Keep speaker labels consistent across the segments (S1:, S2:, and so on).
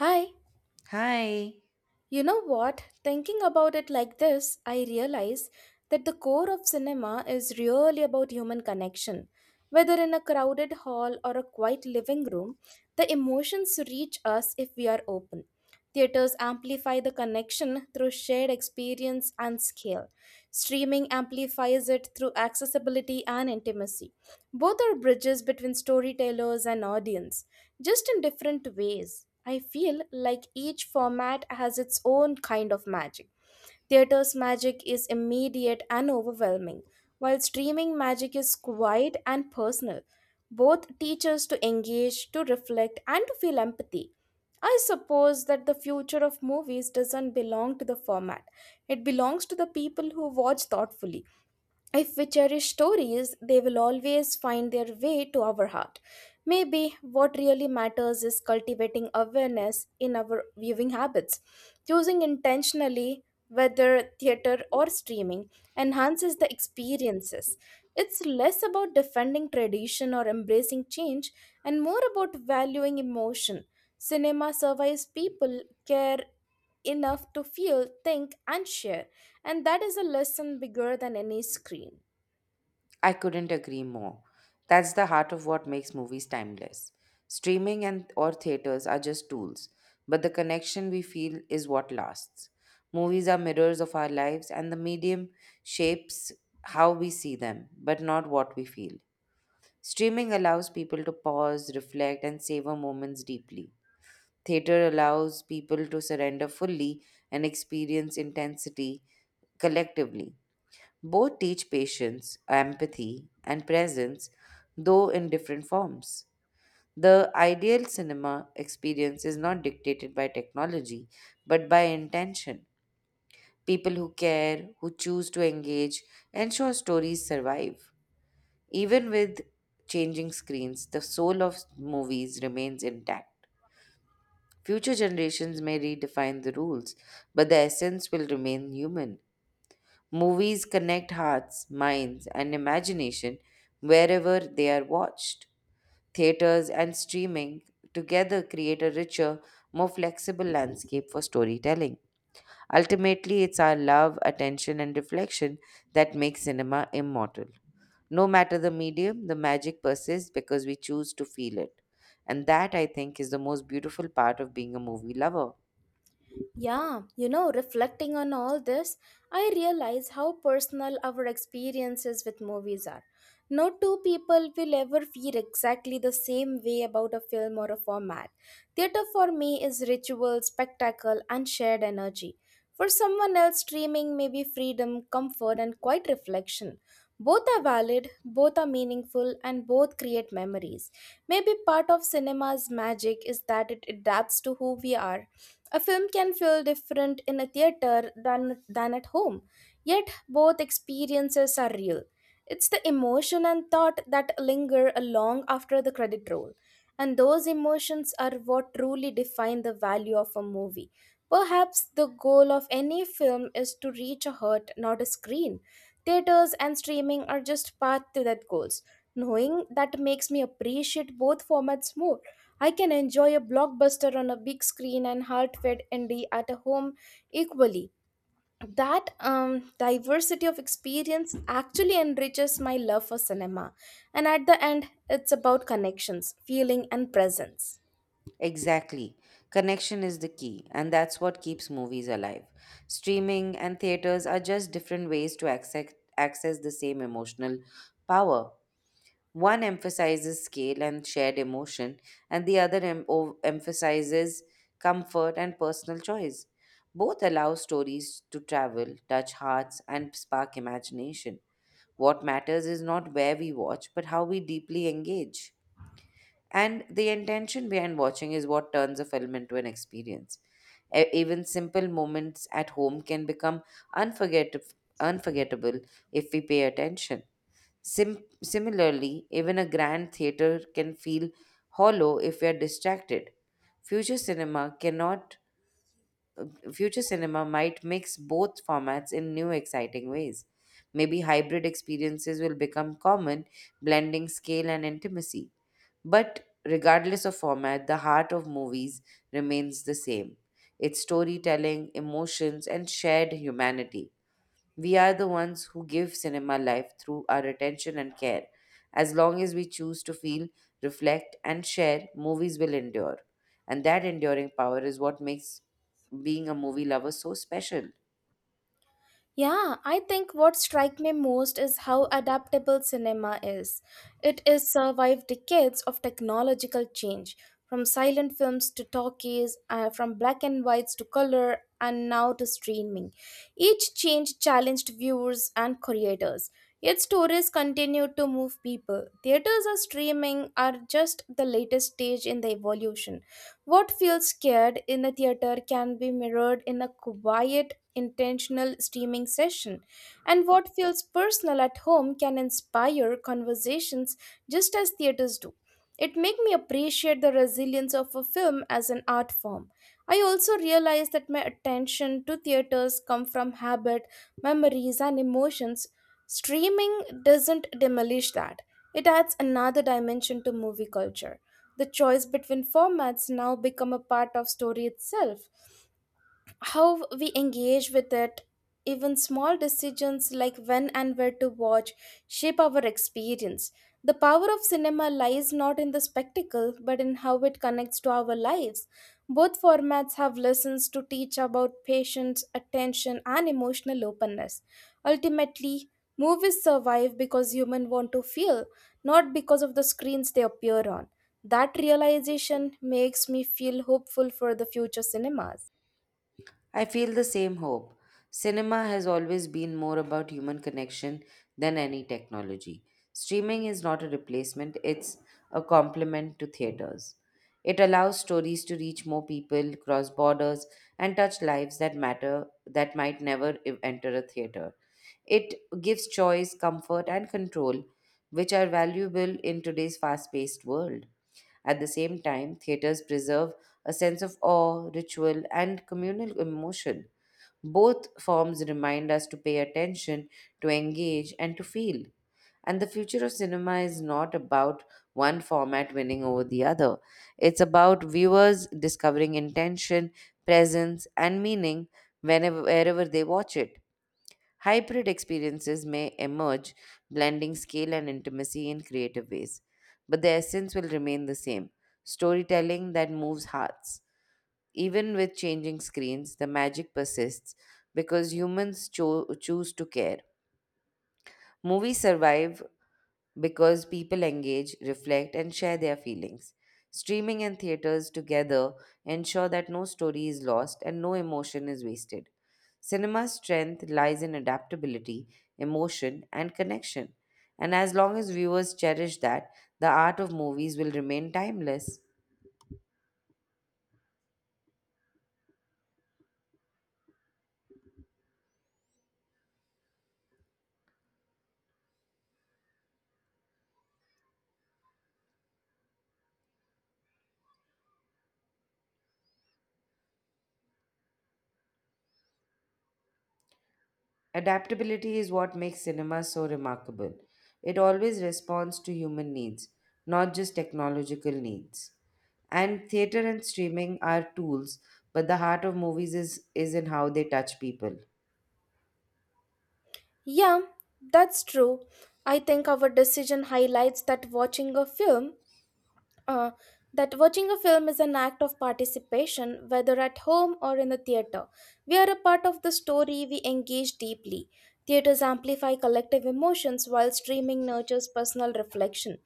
S1: Hi,
S2: Hi.
S1: you know what? Thinking about it like this, I realize that the core of cinema is really about human connection. Whether in a crowded hall or a quiet living room, the emotions reach us if we are open. Theaters amplify the connection through shared experience and scale. Streaming amplifies it through accessibility and intimacy. Both are bridges between storytellers and audience, just in different ways. I feel like each format has its own kind of magic. Theater's magic is immediate and overwhelming, while streaming magic is quiet and personal. Both teach us to engage, to reflect, and to feel empathy. I suppose that the future of movies doesn't belong to the format, it belongs to the people who watch thoughtfully. If we cherish stories, they will always find their way to our heart. Maybe what really matters is cultivating awareness in our viewing habits. Choosing intentionally whether theater or streaming enhances the experiences. It's less about defending tradition or embracing change and more about valuing emotion. Cinema survives people care enough to feel, think, and share. And that is a lesson bigger than any screen.
S2: I couldn't agree more. That's the heart of what makes movies timeless. Streaming and or theaters are just tools, but the connection we feel is what lasts. Movies are mirrors of our lives and the medium shapes how we see them, but not what we feel. Streaming allows people to pause, reflect and savor moments deeply. Theater allows people to surrender fully and experience intensity collectively. Both teach patience, empathy, and presence, though in different forms. The ideal cinema experience is not dictated by technology, but by intention. People who care, who choose to engage, ensure stories survive. Even with changing screens, the soul of movies remains intact. Future generations may redefine the rules, but the essence will remain human. Movies connect hearts, minds, and imagination wherever they are watched. Theaters and streaming together create a richer, more flexible landscape for storytelling. Ultimately, it's our love, attention, and reflection that makes cinema immortal. No matter the medium, the magic persists because we choose to feel it. And that, I think, is the most beautiful part of being a movie lover.
S1: Yeah, reflecting on all this, I realize how personal our experiences with movies are. No two people will ever feel exactly the same way about a film or a format. Theatre for me is ritual, spectacle, and shared energy. For someone else, streaming may be freedom, comfort, and quiet reflection. Both are valid, both are meaningful, and both create memories. Maybe part of cinema's magic is that it adapts to who we are. A film can feel different in a theater than at home, yet both experiences are real. It's the emotion and thought that linger long after the credit roll, and those emotions are what truly define the value of a movie. Perhaps the goal of any film is to reach a heart, not a screen. Theaters and streaming are just path to that goals. Knowing that makes me appreciate both formats more. I can enjoy a blockbuster on a big screen and heartfelt indie at a home equally. That diversity of experience actually enriches my love for cinema. And at the end, it's about connections, feeling, and presence.
S2: Exactly. Connection is the key, and that's what keeps movies alive. Streaming and theaters are just different ways to access the same emotional power. One emphasizes scale and shared emotion, and the other emphasizes comfort and personal choice. Both allow stories to travel, touch hearts, and spark imagination. What matters is not where we watch, but how we deeply engage. And the intention behind watching is what turns a film into an experience. Even simple moments at home can become unforgettable, unforgettable if we pay attention. Similarly, even a grand theater can feel hollow if we are distracted. Future cinema cannot Future cinema might mix both formats in new exciting ways. Maybe hybrid experiences will become common, blending scale and intimacy. But regardless of format, the heart of movies remains the same. It's storytelling, emotions, and shared humanity. We are the ones who give cinema life through our attention and care. As long as we choose to feel, reflect, and share, movies will endure. And that enduring power is what makes being a movie lover so special.
S1: Yeah, I think what strikes me most is how adaptable cinema is. It has survived decades of technological change, from silent films to talkies, from black and whites to color, and now to streaming. Each change challenged viewers and creators. Yet stories continue to move people. Theaters or streaming are just the latest stage in the evolution. What feels scared in a theater can be mirrored in a quiet intentional steaming session. And what feels personal at home can inspire conversations just as theaters do. It made me appreciate the resilience of a film as an art form. I also realized that my attention to theaters come from habit, memories, and emotions. Streaming doesn't demolish that. It adds another dimension to movie culture. The choice between formats now become a part of story itself, how we engage with it. Even small decisions like when and where to watch shape our experience. The power of cinema lies not in the spectacle but in how it connects to our lives. Both formats have lessons to teach about patience, attention, and emotional openness. Ultimately, movies survive because humans want to feel, not because of the screens they appear on. That realization makes me feel hopeful for the future cinemas.
S2: I feel the same hope. Cinema has always been more about human connection than any technology. Streaming is not a replacement, it's a complement to theaters. It allows stories to reach more people, cross borders, and touch lives that matter that might never enter a theater. It gives choice, comfort, and control, which are valuable in today's fast paced world. At the same time, theaters preserve a sense of awe, ritual, and communal emotion. Both forms remind us to pay attention, to engage, and to feel. And the future of cinema is not about one format winning over the other. It's about viewers discovering intention, presence, and meaning whenever wherever they watch it. Hybrid experiences may emerge, blending scale and intimacy in creative ways. But the essence will remain the same storytelling that moves hearts. Even with changing screens, the magic persists because humans choose to care. Movies survive because people engage, reflect, and share their feelings. Streaming and theaters together ensure that no story is lost and no emotion is wasted. Cinema's strength lies in adaptability, emotion, and connection. And as long as viewers cherish that, the art of movies will remain timeless. Adaptability is what makes cinema so remarkable. It always responds to human needs, not just technological needs. And theater and streaming are tools, but the heart of movies is in how they touch people.
S1: Yeah, that's true. I think our decision highlights that watching a film, uh, that watching a film is an act of participation, whether at home or in the theater. We are a part of the story, we engage deeply. Theaters amplify collective emotions while streaming nurtures personal reflection.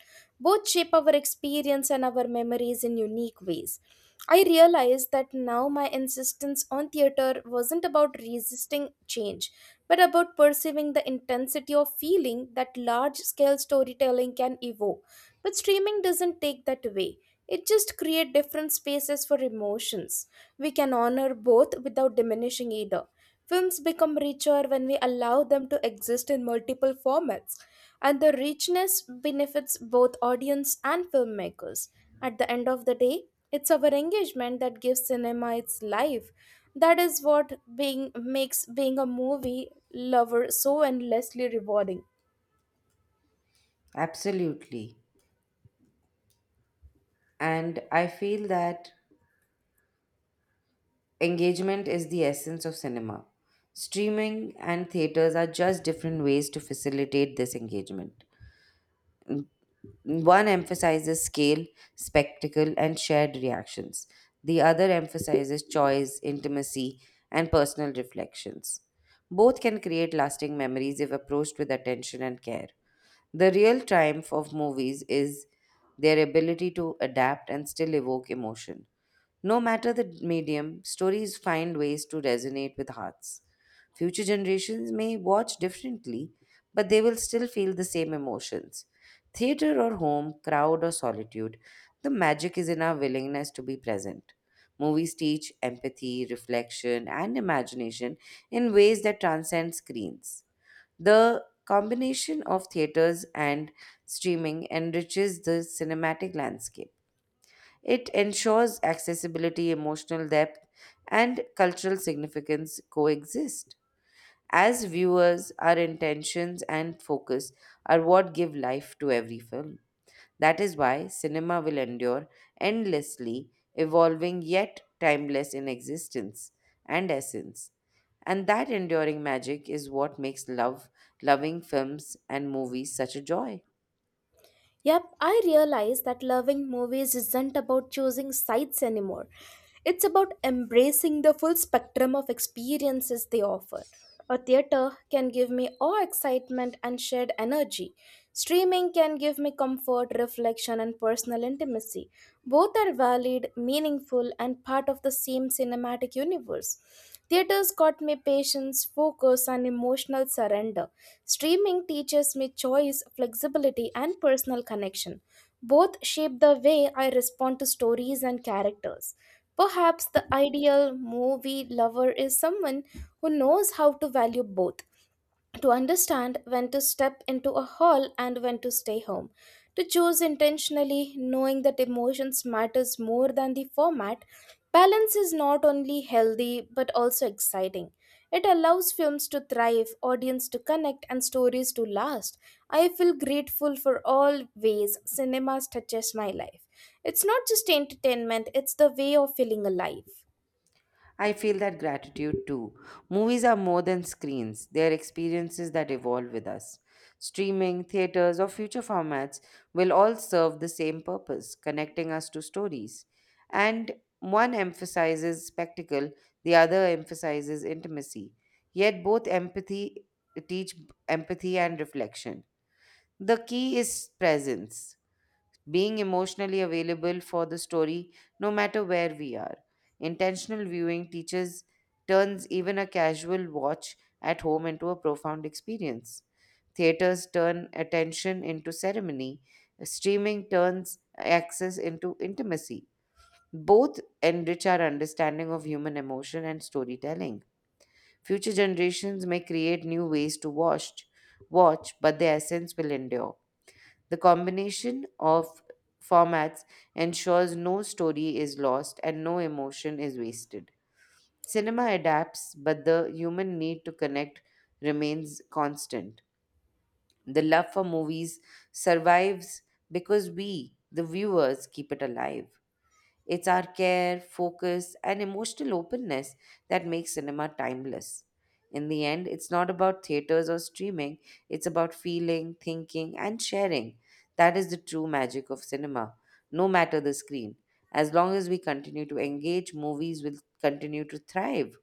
S1: Both shape our experience and our memories in unique ways. I realized that now my insistence on theater wasn't about resisting change, but about perceiving the intensity of feeling that large scale storytelling can evoke. But streaming doesn't take that away. It just creates different spaces for emotions. We can honor both without diminishing either. Films become richer when we allow them to exist in multiple formats, and the richness benefits both audience and filmmakers. At the end of the day, it's our engagement that gives cinema its life. That is what being makes being a movie lover so endlessly rewarding.
S2: Absolutely. And I feel that engagement is the essence of cinema. Streaming and theaters are just different ways to facilitate this engagement. One emphasizes scale, spectacle, and shared reactions. The other emphasizes choice, intimacy, and personal reflections. Both can create lasting memories if approached with attention and care. The real triumph of movies is their ability to adapt and still evoke emotion. No matter the medium, stories find ways to resonate with hearts. Future generations may watch differently, but they will still feel the same emotions. Theater or home, crowd or solitude, the magic is in our willingness to be present. Movies teach empathy, reflection, and imagination in ways that transcend screens. The combination of theaters and streaming enriches the cinematic landscape. It ensures accessibility, emotional depth, and cultural significance coexist. As viewers, our intentions and focus are what give life to every film. That is why cinema will endure endlessly, evolving yet timeless in existence and essence. And that enduring magic is what makes loving films and movies such a joy.
S1: Yep, I realize that loving movies isn't about choosing sides anymore. It's about embracing the full spectrum of experiences they offer. A theater can give me awe, excitement, and shared energy. Streaming can give me comfort, reflection, and personal intimacy. Both are valid, meaningful, and part of the same cinematic universe. Theaters got me patience, focus, and emotional surrender. Streaming teaches me choice, flexibility, and personal connection. Both shape the way I respond to stories and characters. Perhaps the ideal movie lover is someone who knows how to value both, to understand when to step into a hall and when to stay home, to choose intentionally, knowing that emotions matters more than the format. Balance is not only healthy but also exciting. It allows films to thrive, audience to connect, and stories to last. I feel grateful for all ways cinema touches my life. It's not just entertainment, it's the way of feeling alive.
S2: I feel that gratitude too. Movies are more than screens, they are experiences that evolve with us. Streaming, theaters, or future formats will all serve the same purpose, connecting us to stories. And one emphasizes spectacle, the other emphasizes intimacy. Yet both empathy teach empathy and reflection. The key is presence being emotionally available for the story no matter where we are. Intentional viewing teaches turns even a casual watch at home into a profound experience. Theaters turn attention into ceremony, streaming turns access into intimacy. Both enrich our understanding of human emotion and storytelling. Future generations may create new ways to watch, but the essence will endure. The combination of formats ensures no story is lost and no emotion is wasted. Cinema adapts, but the human need to connect remains constant. The love for movies survives because we, the viewers, keep it alive. It's our care, focus, and emotional openness that makes cinema timeless. In the end, it's not about theaters or streaming, it's about feeling, thinking, and sharing. That is the true magic of cinema, no matter the screen. As long as we continue to engage, movies will continue to thrive.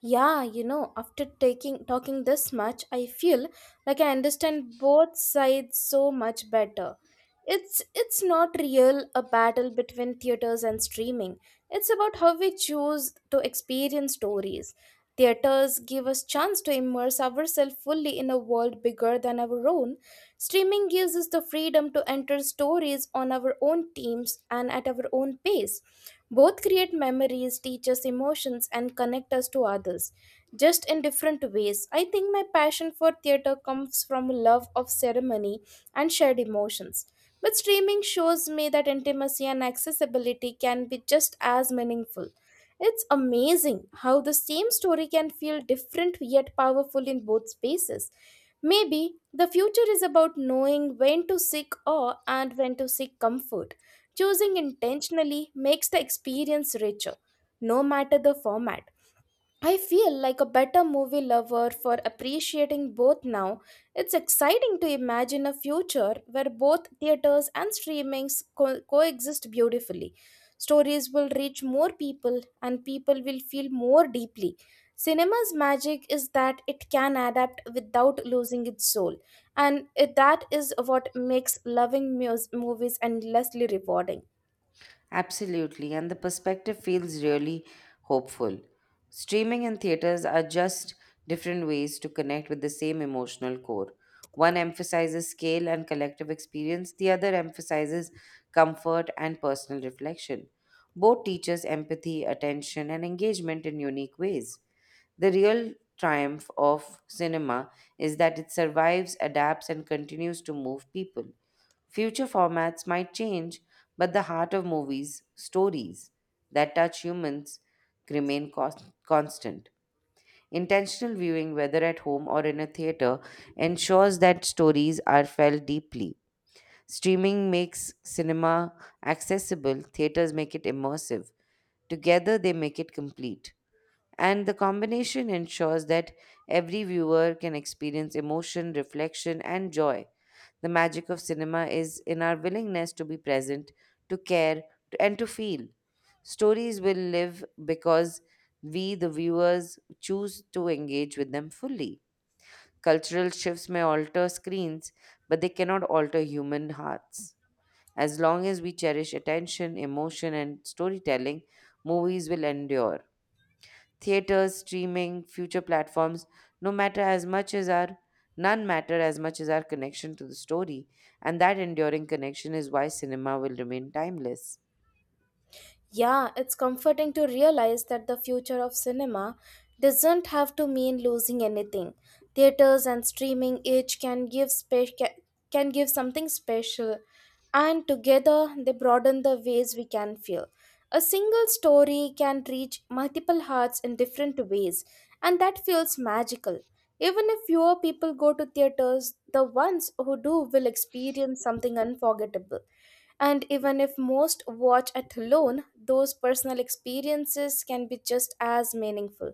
S1: Yeah, after taking talking this much, I feel like I understand both sides so much better. It's not real a battle between theaters and streaming. It's about how we choose to experience stories. Theaters give us chance to immerse ourselves fully in a world bigger than our own. Streaming gives us the freedom to enter stories on our own teams and at our own pace. Both create memories, teach us emotions, and connect us to others, just in different ways. I think my passion for theater comes from a love of ceremony and shared emotions. But streaming shows me that intimacy and accessibility can be just as meaningful. It's amazing how the same story can feel different yet powerful in both spaces. Maybe the future is about knowing when to seek awe and when to seek comfort. Choosing intentionally makes the experience richer, no matter the format. I feel like a better movie lover for appreciating both now. It's exciting to imagine a future where both theaters and streamings coexist beautifully. Stories will reach more people and people will feel more deeply. Cinema's magic is that it can adapt without losing its soul, and that is what makes loving movies endlessly rewarding.
S2: Absolutely, and the perspective feels really hopeful. Streaming and theaters are just different ways to connect with the same emotional core. One emphasizes scale and collective experience, the other emphasizes comfort and personal reflection. Both teaches empathy, attention, and engagement in unique ways. The real triumph of cinema is that it survives, adapts, and continues to move people. Future formats might change, but the heart of movies, stories that touch humans, remain constant. Intentional viewing, whether at home or in a theater, ensures that stories are felt deeply. Streaming makes cinema accessible, theaters make it immersive. Together, they make it complete. And the combination ensures that every viewer can experience emotion, reflection, and joy the magic of cinema is in our willingness to be present, to care, and to feel. Stories will live because we, the viewers, choose to engage with them fully. Cultural shifts may alter screens, but they cannot alter human hearts. As long as we cherish attention, emotion, and storytelling, movies will endure theaters, streaming, future platforms, no matter as much as our none matter as much as our connection to the story, and that enduring connection is why cinema will remain timeless.
S1: Yeah, it's comforting to realize that the future of cinema doesn't have to mean losing anything. Theaters and streaming each can give can give something special, and together they broaden the ways we can feel. A single story can reach multiple hearts in different ways, and that feels magical. Even if fewer people go to theaters, the ones who do will experience something unforgettable. And even if most watch it alone, those personal experiences can be just as meaningful.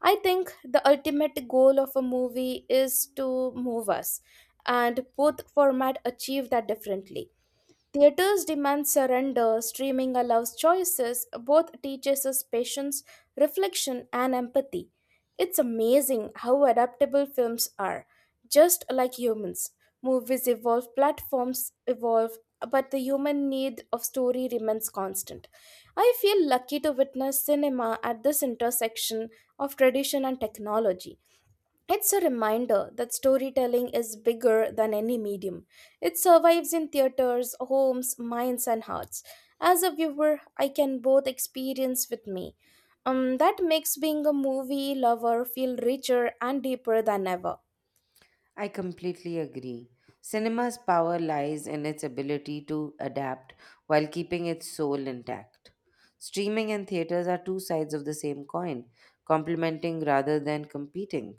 S1: I think the ultimate goal of a movie is to move us, and both format achieve that differently. Theaters demand surrender, streaming allows choices, both teaches us patience, reflection, and empathy. It's amazing how adaptable films are, just like humans. Movies evolve, platforms evolve, but the human need of story remains constant. I feel lucky to witness cinema at this intersection of tradition and technology. It's a reminder that storytelling is bigger than any medium. It survives in theaters, homes, minds, and hearts. As a viewer, I can both experience with me. That makes being a movie lover feel richer and deeper than ever.
S2: I completely agree. Cinema's power lies in its ability to adapt while keeping its soul intact. Streaming and theaters are two sides of the same coin, complementing rather than competing.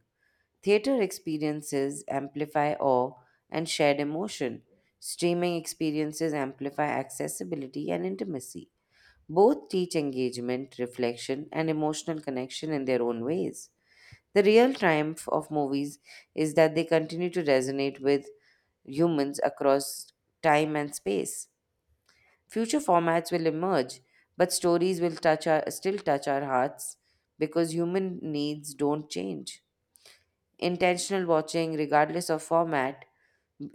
S2: Theater experiences amplify awe and shared emotion. Streaming experiences amplify accessibility and intimacy. Both teach engagement, reflection, and emotional connection in their own ways. The real triumph of movies is that they continue to resonate with humans across time and space. Future formats will emerge, but stories will still touch our hearts because human needs don't change. Intentional watching, regardless of format,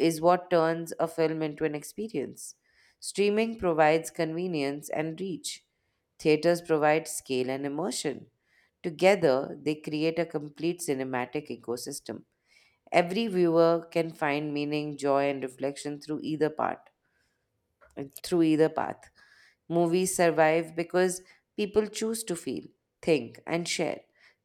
S2: is what turns a film into an experience. Streaming provides convenience and reach. Theaters provide scale and immersion. Together, they create a complete cinematic ecosystem. Every viewer can find meaning, joy, and reflection through through either path. Movies survive because people choose to feel, think, and share.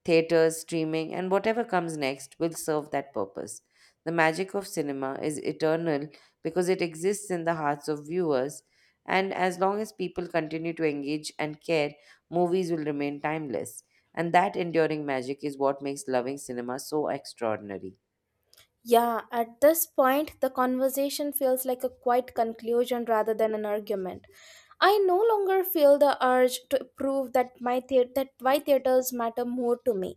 S2: Theaters, streaming, and whatever comes next will serve that purpose. The magic of cinema is eternal because it exists in the hearts of viewers, and as long as people continue to engage and care, movies will remain timeless. And that enduring magic is what makes loving cinema so extraordinary.
S1: Yeah, at this point, the conversation feels like a quiet conclusion rather than an argument. I no longer feel the urge to prove that my that why theaters matter more to me.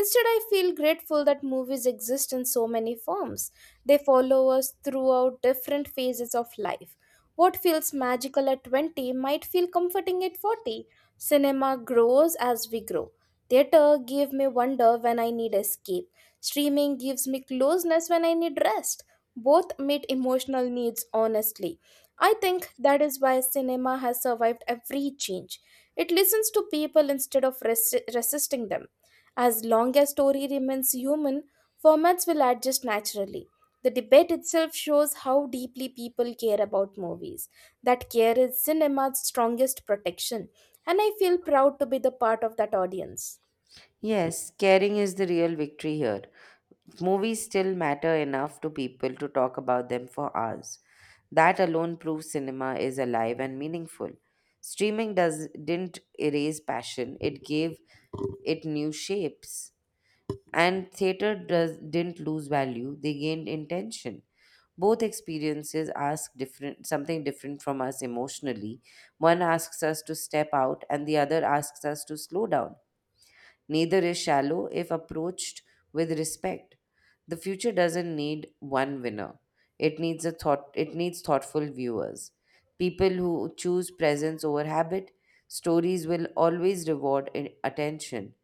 S1: Instead, I feel grateful that movies exist in so many forms. They follow us throughout different phases of life. What feels magical at 20 might feel comforting at 40. Cinema grows as we grow. Theater gave me wonder when I need escape. Streaming gives me closeness when I need rest. Both meet emotional needs honestly. I think that is why cinema has survived every change. It listens to people instead of resisting them. As long as story remains human, formats will adjust naturally. The debate itself shows how deeply people care about movies. That care is cinema's strongest protection, and I feel proud to be the part of that audience.
S2: Yes, caring is the real victory here. Movies still matter enough to people to talk about them for hours. That alone proves cinema is alive and meaningful. Streaming does didn't erase passion; it gave it new shapes. And theater does didn't lose value; they gained intention. Both experiences ask different something different from us emotionally. One asks us to step out, and the other asks us to slow down. Neither is shallow if approached with respect. The future doesn't need one winner. It needs thoughtful viewers. People who choose presence over habit, stories will always reward attention.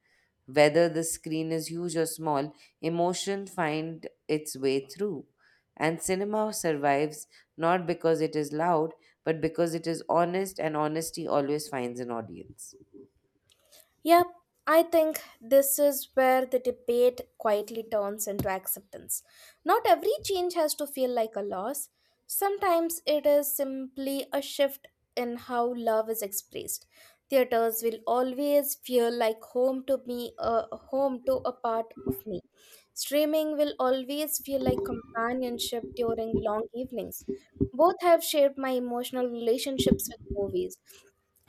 S2: Whether the screen is huge or small, emotion find its way through. And cinema survives not because it is loud, but because it is honest and honesty always finds an audience.
S1: Yep, I think this is where the debate quietly turns into acceptance. Not every change has to feel like a loss. Sometimes it is simply a shift in how love is expressed. Theaters will always feel like home to me, a home to a part of me. Streaming will always feel like companionship during long evenings. Both have shaped my emotional relationships with movies.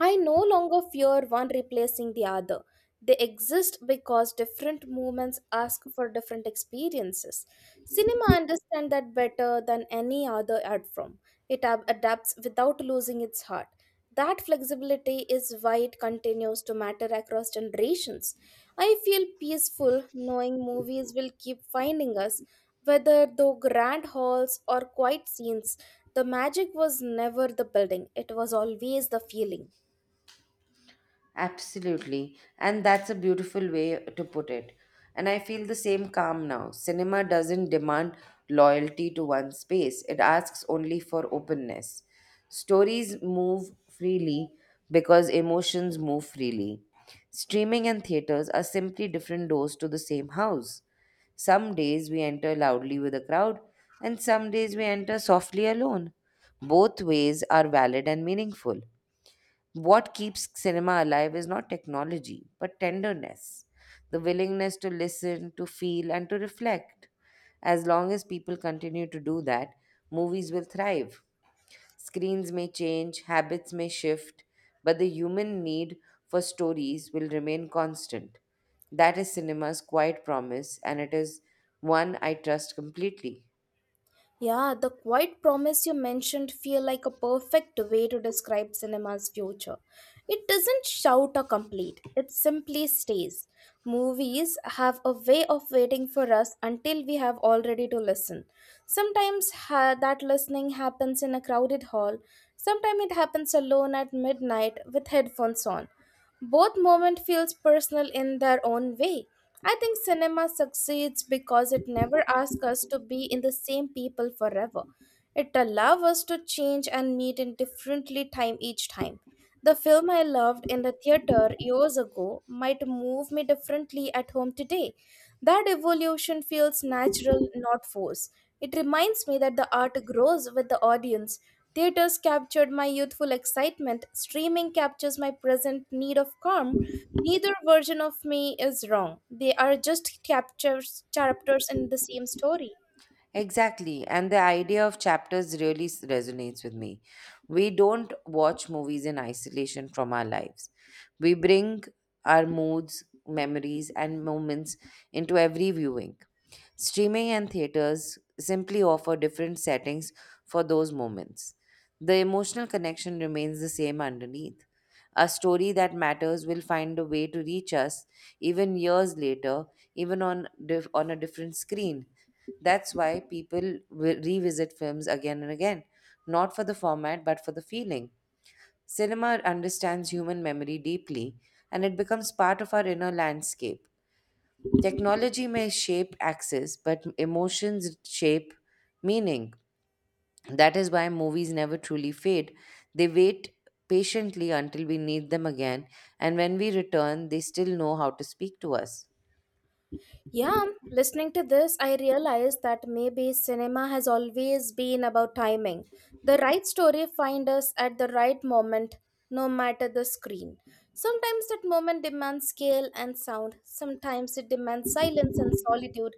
S1: I no longer fear one replacing the other. They exist because different movements ask for different experiences. Cinema understands that better than any other art form. It adapts without losing its heart. That flexibility is why it continues to matter across generations. I feel peaceful knowing movies will keep finding us, whether through grand halls or quiet scenes. The magic was never the building, it was always the feeling.
S2: Absolutely. And that's a beautiful way to put it. And I feel the same calm now. Cinema doesn't demand loyalty to one space, it asks only for openness. Stories move freely because emotions move freely. Streaming and theaters are simply different doors to the same house. Some days we enter loudly with a crowd, and some days we enter softly alone. Both ways are valid and meaningful. What keeps cinema alive is not technology, but tenderness, the willingness to listen, to feel, and to reflect. As long as people continue to do that, movies will thrive. Screens may change, habits may shift, but the human need for stories will remain constant. That is cinema's quiet promise, and it is one I trust completely.
S1: Yeah, the quiet promise you mentioned feel like a perfect way to describe cinema's future. It doesn't shout or complete, it simply stays. Movies have a way of waiting for us until we have already to listen. Sometimes that listening happens in a crowded hall, sometimes it happens alone at midnight with headphones on. Both moments feels personal in their own way. I think cinema succeeds because it never asks us to be in the same people forever. It allows us to change and meet in differently time each time. The film I loved in the theater years ago might move me differently at home today. That evolution feels natural, not forced. It reminds me that the art grows with the audience. Theaters captured my youthful excitement, streaming captures my present need of calm. Neither version of me is wrong. They are just captures chapters in the same story.
S2: Exactly. And the idea of chapters really resonates with me. We don't watch movies in isolation from our lives. We bring our moods, memories, and moments into every viewing. Streaming and theaters simply offer different settings for those moments. The emotional connection remains the same underneath. A story that matters will find a way to reach us even years later, even on a different screen. That's why people will revisit films again and again, not for the format, but for the feeling. Cinema understands human memory deeply, and it becomes part of our inner landscape. Technology may shape access, but emotions shape meaning. That is why movies never truly fade. They wait patiently until we need them again, and when we return, they still know how to speak to us.
S1: Yeah, listening to this, I realized that maybe cinema has always been about timing. The right story finds us at the right moment, no matter the screen. Sometimes that moment demands scale and sound, sometimes it demands silence and solitude.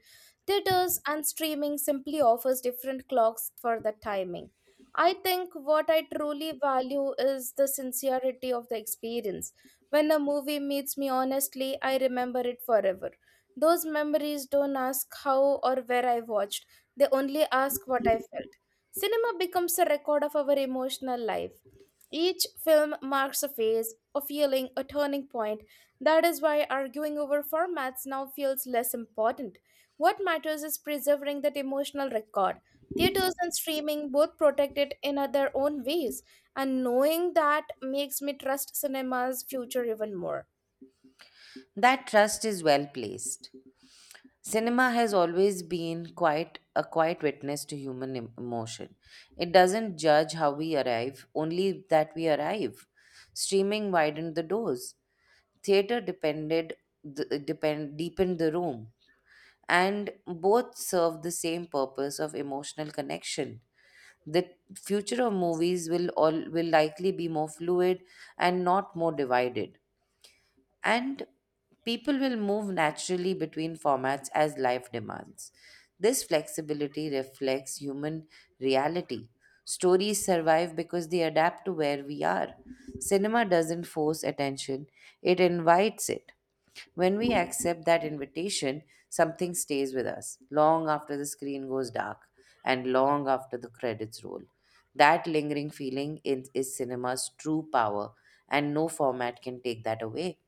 S1: Theaters and streaming simply offers different clocks for the timing. I think what I truly value is the sincerity of the experience. When a movie meets me honestly, I remember it forever. Those memories don't ask how or where I watched, they only ask what I felt. Cinema becomes a record of our emotional life. Each film marks a phase, a feeling, a turning point. That is why arguing over formats now feels less important. What matters is preserving that emotional record. Theaters and streaming both protect it in their own ways, and knowing that makes me trust cinema's future even more.
S2: That trust is well placed. Cinema has always been quite a quiet witness to human emotion. It doesn't judge how we arrive, only that we arrive. Streaming widened the doors. Theater depended the, depend, deepened the room, and both serve the same purpose of emotional connection. The future of movies will likely be more fluid and not more divided, and people will move naturally between formats as life demands. This flexibility reflects human reality. Stories survive because they adapt to where we are. Cinema doesn't force attention, it invites it. When we accept that invitation, something stays with us long after the screen goes dark and long after the credits roll. That lingering feeling is cinema's true power, and no format can take that away.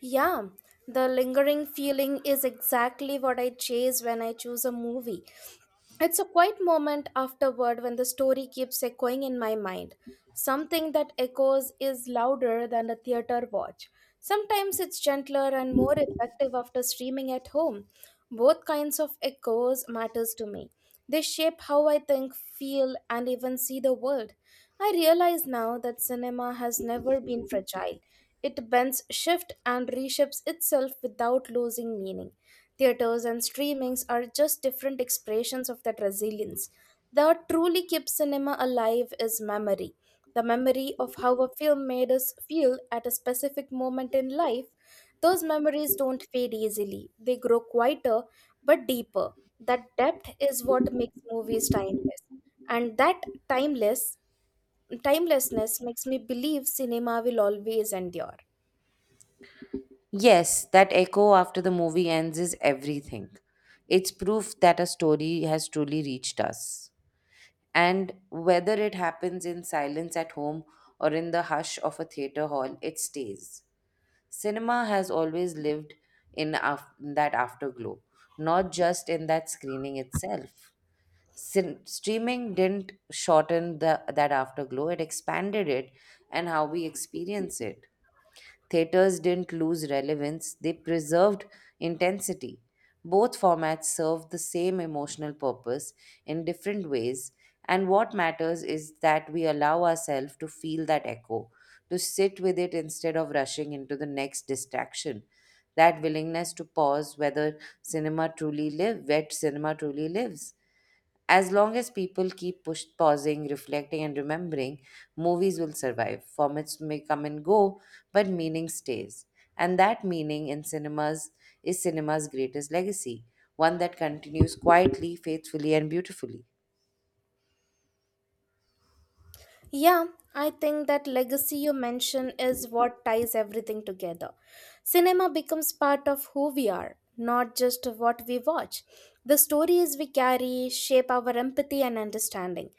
S1: Yeah, the lingering feeling is exactly what I chase when I choose a movie. It's a quiet moment afterward when the story keeps echoing in my mind. Something that echoes is louder than a theater watch. Sometimes it's gentler and more effective after streaming at home. Both kinds of echoes matters to me. They shape how I think, feel, and even see the world. I realize now that cinema has never been fragile. It bends, shifts, and reshapes itself without losing meaning. Theaters and streamings are just different expressions of that resilience. What truly keeps cinema alive is memory. The memory of how a film made us feel at a specific moment in life. Those memories don't fade easily. They grow quieter but deeper. That depth is what makes movies timeless. And that timelessness makes me believe cinema will always endure.
S2: Yes, that echo after the movie ends is everything. It's proof that a story has truly reached us. And whether it happens in silence at home or in the hush of a theater hall, it stays. Cinema has always lived in that afterglow, not just in that screening itself. Streaming didn't shorten that afterglow, it expanded it and how we experience it. Theaters didn't lose relevance, they preserved intensity. Both formats serve the same emotional purpose in different ways, and what matters is that we allow ourselves to feel that echo, to sit with it instead of rushing into the next distraction. That willingness to pause, whether cinema truly live, where cinema truly lives. As long as people keep pausing, reflecting, and remembering, movies will survive. Formats may come and go, but meaning stays. And that meaning in cinemas is cinema's greatest legacy, one that continues quietly, faithfully, and beautifully.
S1: Yeah, I think that legacy you mention is what ties everything together. Cinema becomes part of who we are, not just what we watch. The stories we carry shape our empathy and understanding.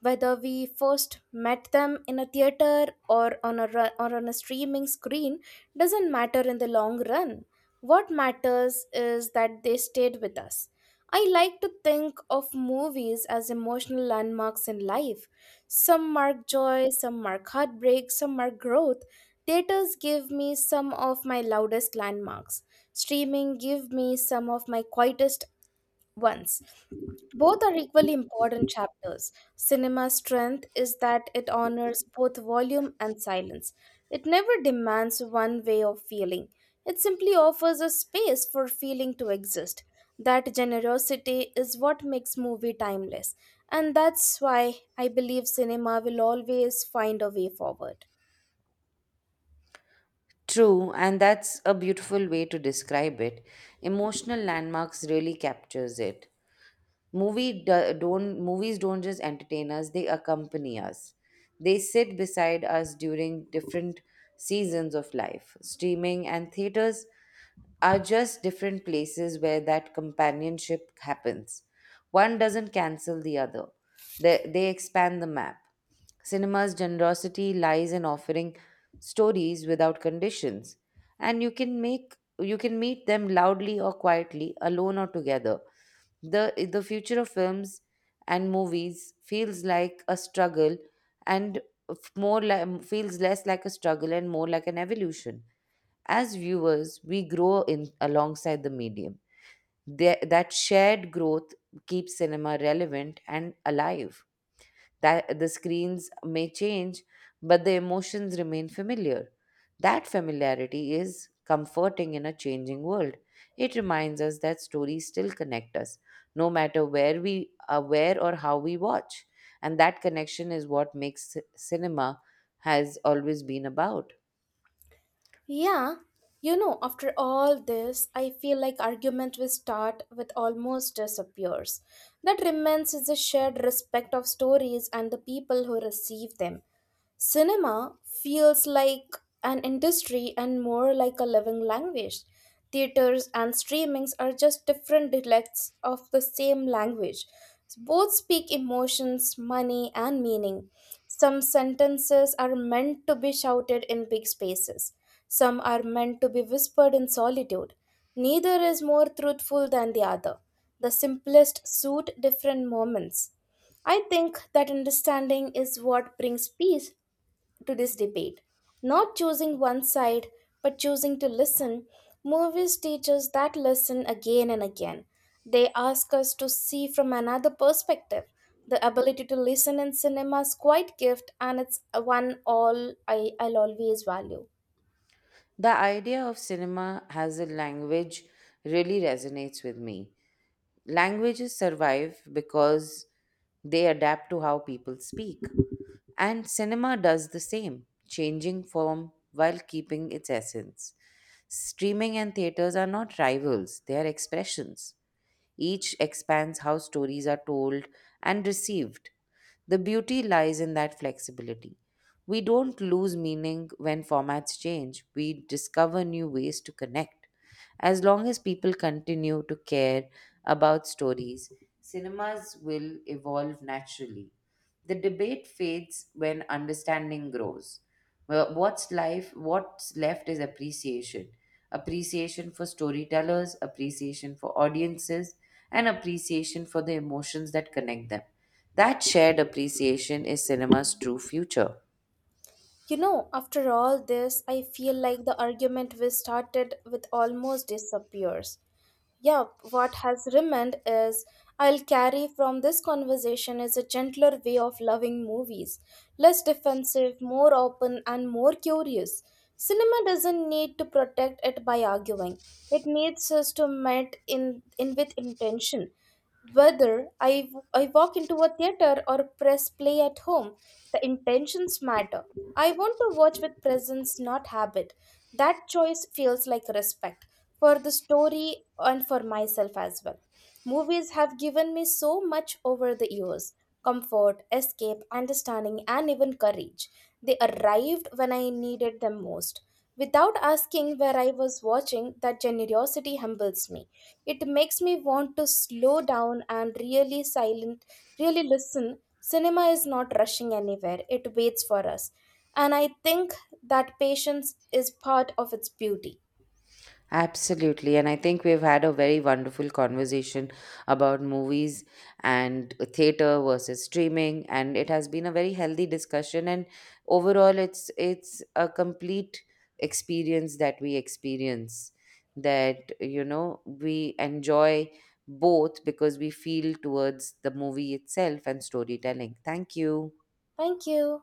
S1: Whether we first met them in a theater or on a streaming screen doesn't matter in the long run. What matters is that they stayed with us. I like to think of movies as emotional landmarks in life some mark joy, some mark heartbreak, some mark growth. Theaters give me some of my loudest landmarks. Streaming give me some of my quietest ones. Both are equally important chapters. Cinema's strength is that it honors both volume and silence. It never demands one way of feeling, it simply offers a space for feeling to exist. That generosity is what makes movie timeless, and that's why I believe cinema will always find a way forward.
S2: True, and that's a beautiful way to describe it. Emotional landmarks really captures it. Movies don't just entertain us; they accompany us. They sit beside us during different seasons of life. Streaming and theaters are just different places where that companionship happens. One doesn't cancel the other, they expand the map. Cinema's generosity lies in offering stories without conditions, and you can meet them loudly or quietly, alone or together. The future of films and movies and feels less like a struggle and more like an evolution. As viewers, we grow in alongside the medium. That shared growth keeps cinema relevant and alive. That the screens may change, but the emotions remain familiar. That familiarity is comforting in a changing world. It reminds us that stories still connect us, no matter where we are, where or how we watch. And that connection is what makes cinema. Has always been about
S1: Yeah, you know, after all this, I feel like argument we start with almost disappears. That remains is the shared respect of stories and the people who receive them. Cinema feels like an industry and more like a living language. Theaters and streamings are just different dialects of the same language. Both speak emotions, money, and meaning. Some sentences are meant to be shouted in big spaces, some are meant to be whispered in solitude. Neither is more truthful than the other. The simplest suit different moments. I think that understanding is what brings peace to this debate. Not choosing one side, but choosing to listen, movies teach us that lesson again and again. They ask us to see from another perspective. The ability to listen in cinema's quite gift, and it's one all I'll always value.
S2: the idea of cinema as a language. Really resonates with me. Languages survive because they adapt to how people speak. And cinema does the same, changing form while keeping its essence. Streaming and theaters are not rivals, they are expressions. Each expands how stories are told and received. The beauty lies in that flexibility. We don't lose meaning when formats change, we discover new ways to connect. As long as people continue to care about stories, cinemas will evolve naturally. The debate fades when understanding grows. Well, what's left is appreciation. Appreciation for storytellers, appreciation for audiences, and appreciation for the emotions that connect them. That shared appreciation is cinema's true future.
S1: You know, after all this, I feel like the argument we started with almost disappears. Yeah, what has remained is I'll carry from this conversation is a gentler way of loving movies, less defensive, more open, and more curious. Cinema doesn't need to protect it by arguing, it needs us to meet in with intention. Whether I walk into a theater or press play at home, the intentions matter. I want to watch with presence, not habit. That choice feels like respect for the story and for myself as well. Movies have given me so much over the years comfort, escape, understanding, and even courage. They arrived when I needed them most. Without asking where I was watching, that generosity humbles me. It makes me want to slow down and really silent, really listen. Cinema is not rushing anywhere, it waits for us. And I think that patience is part of its beauty.
S2: Absolutely. And I think we've had a very wonderful conversation about movies and theater versus streaming. And it has been a very healthy discussion. And overall, it's a complete experience that we experience we enjoy both because we feel towards the movie itself and storytelling. Thank you.
S1: Thank you.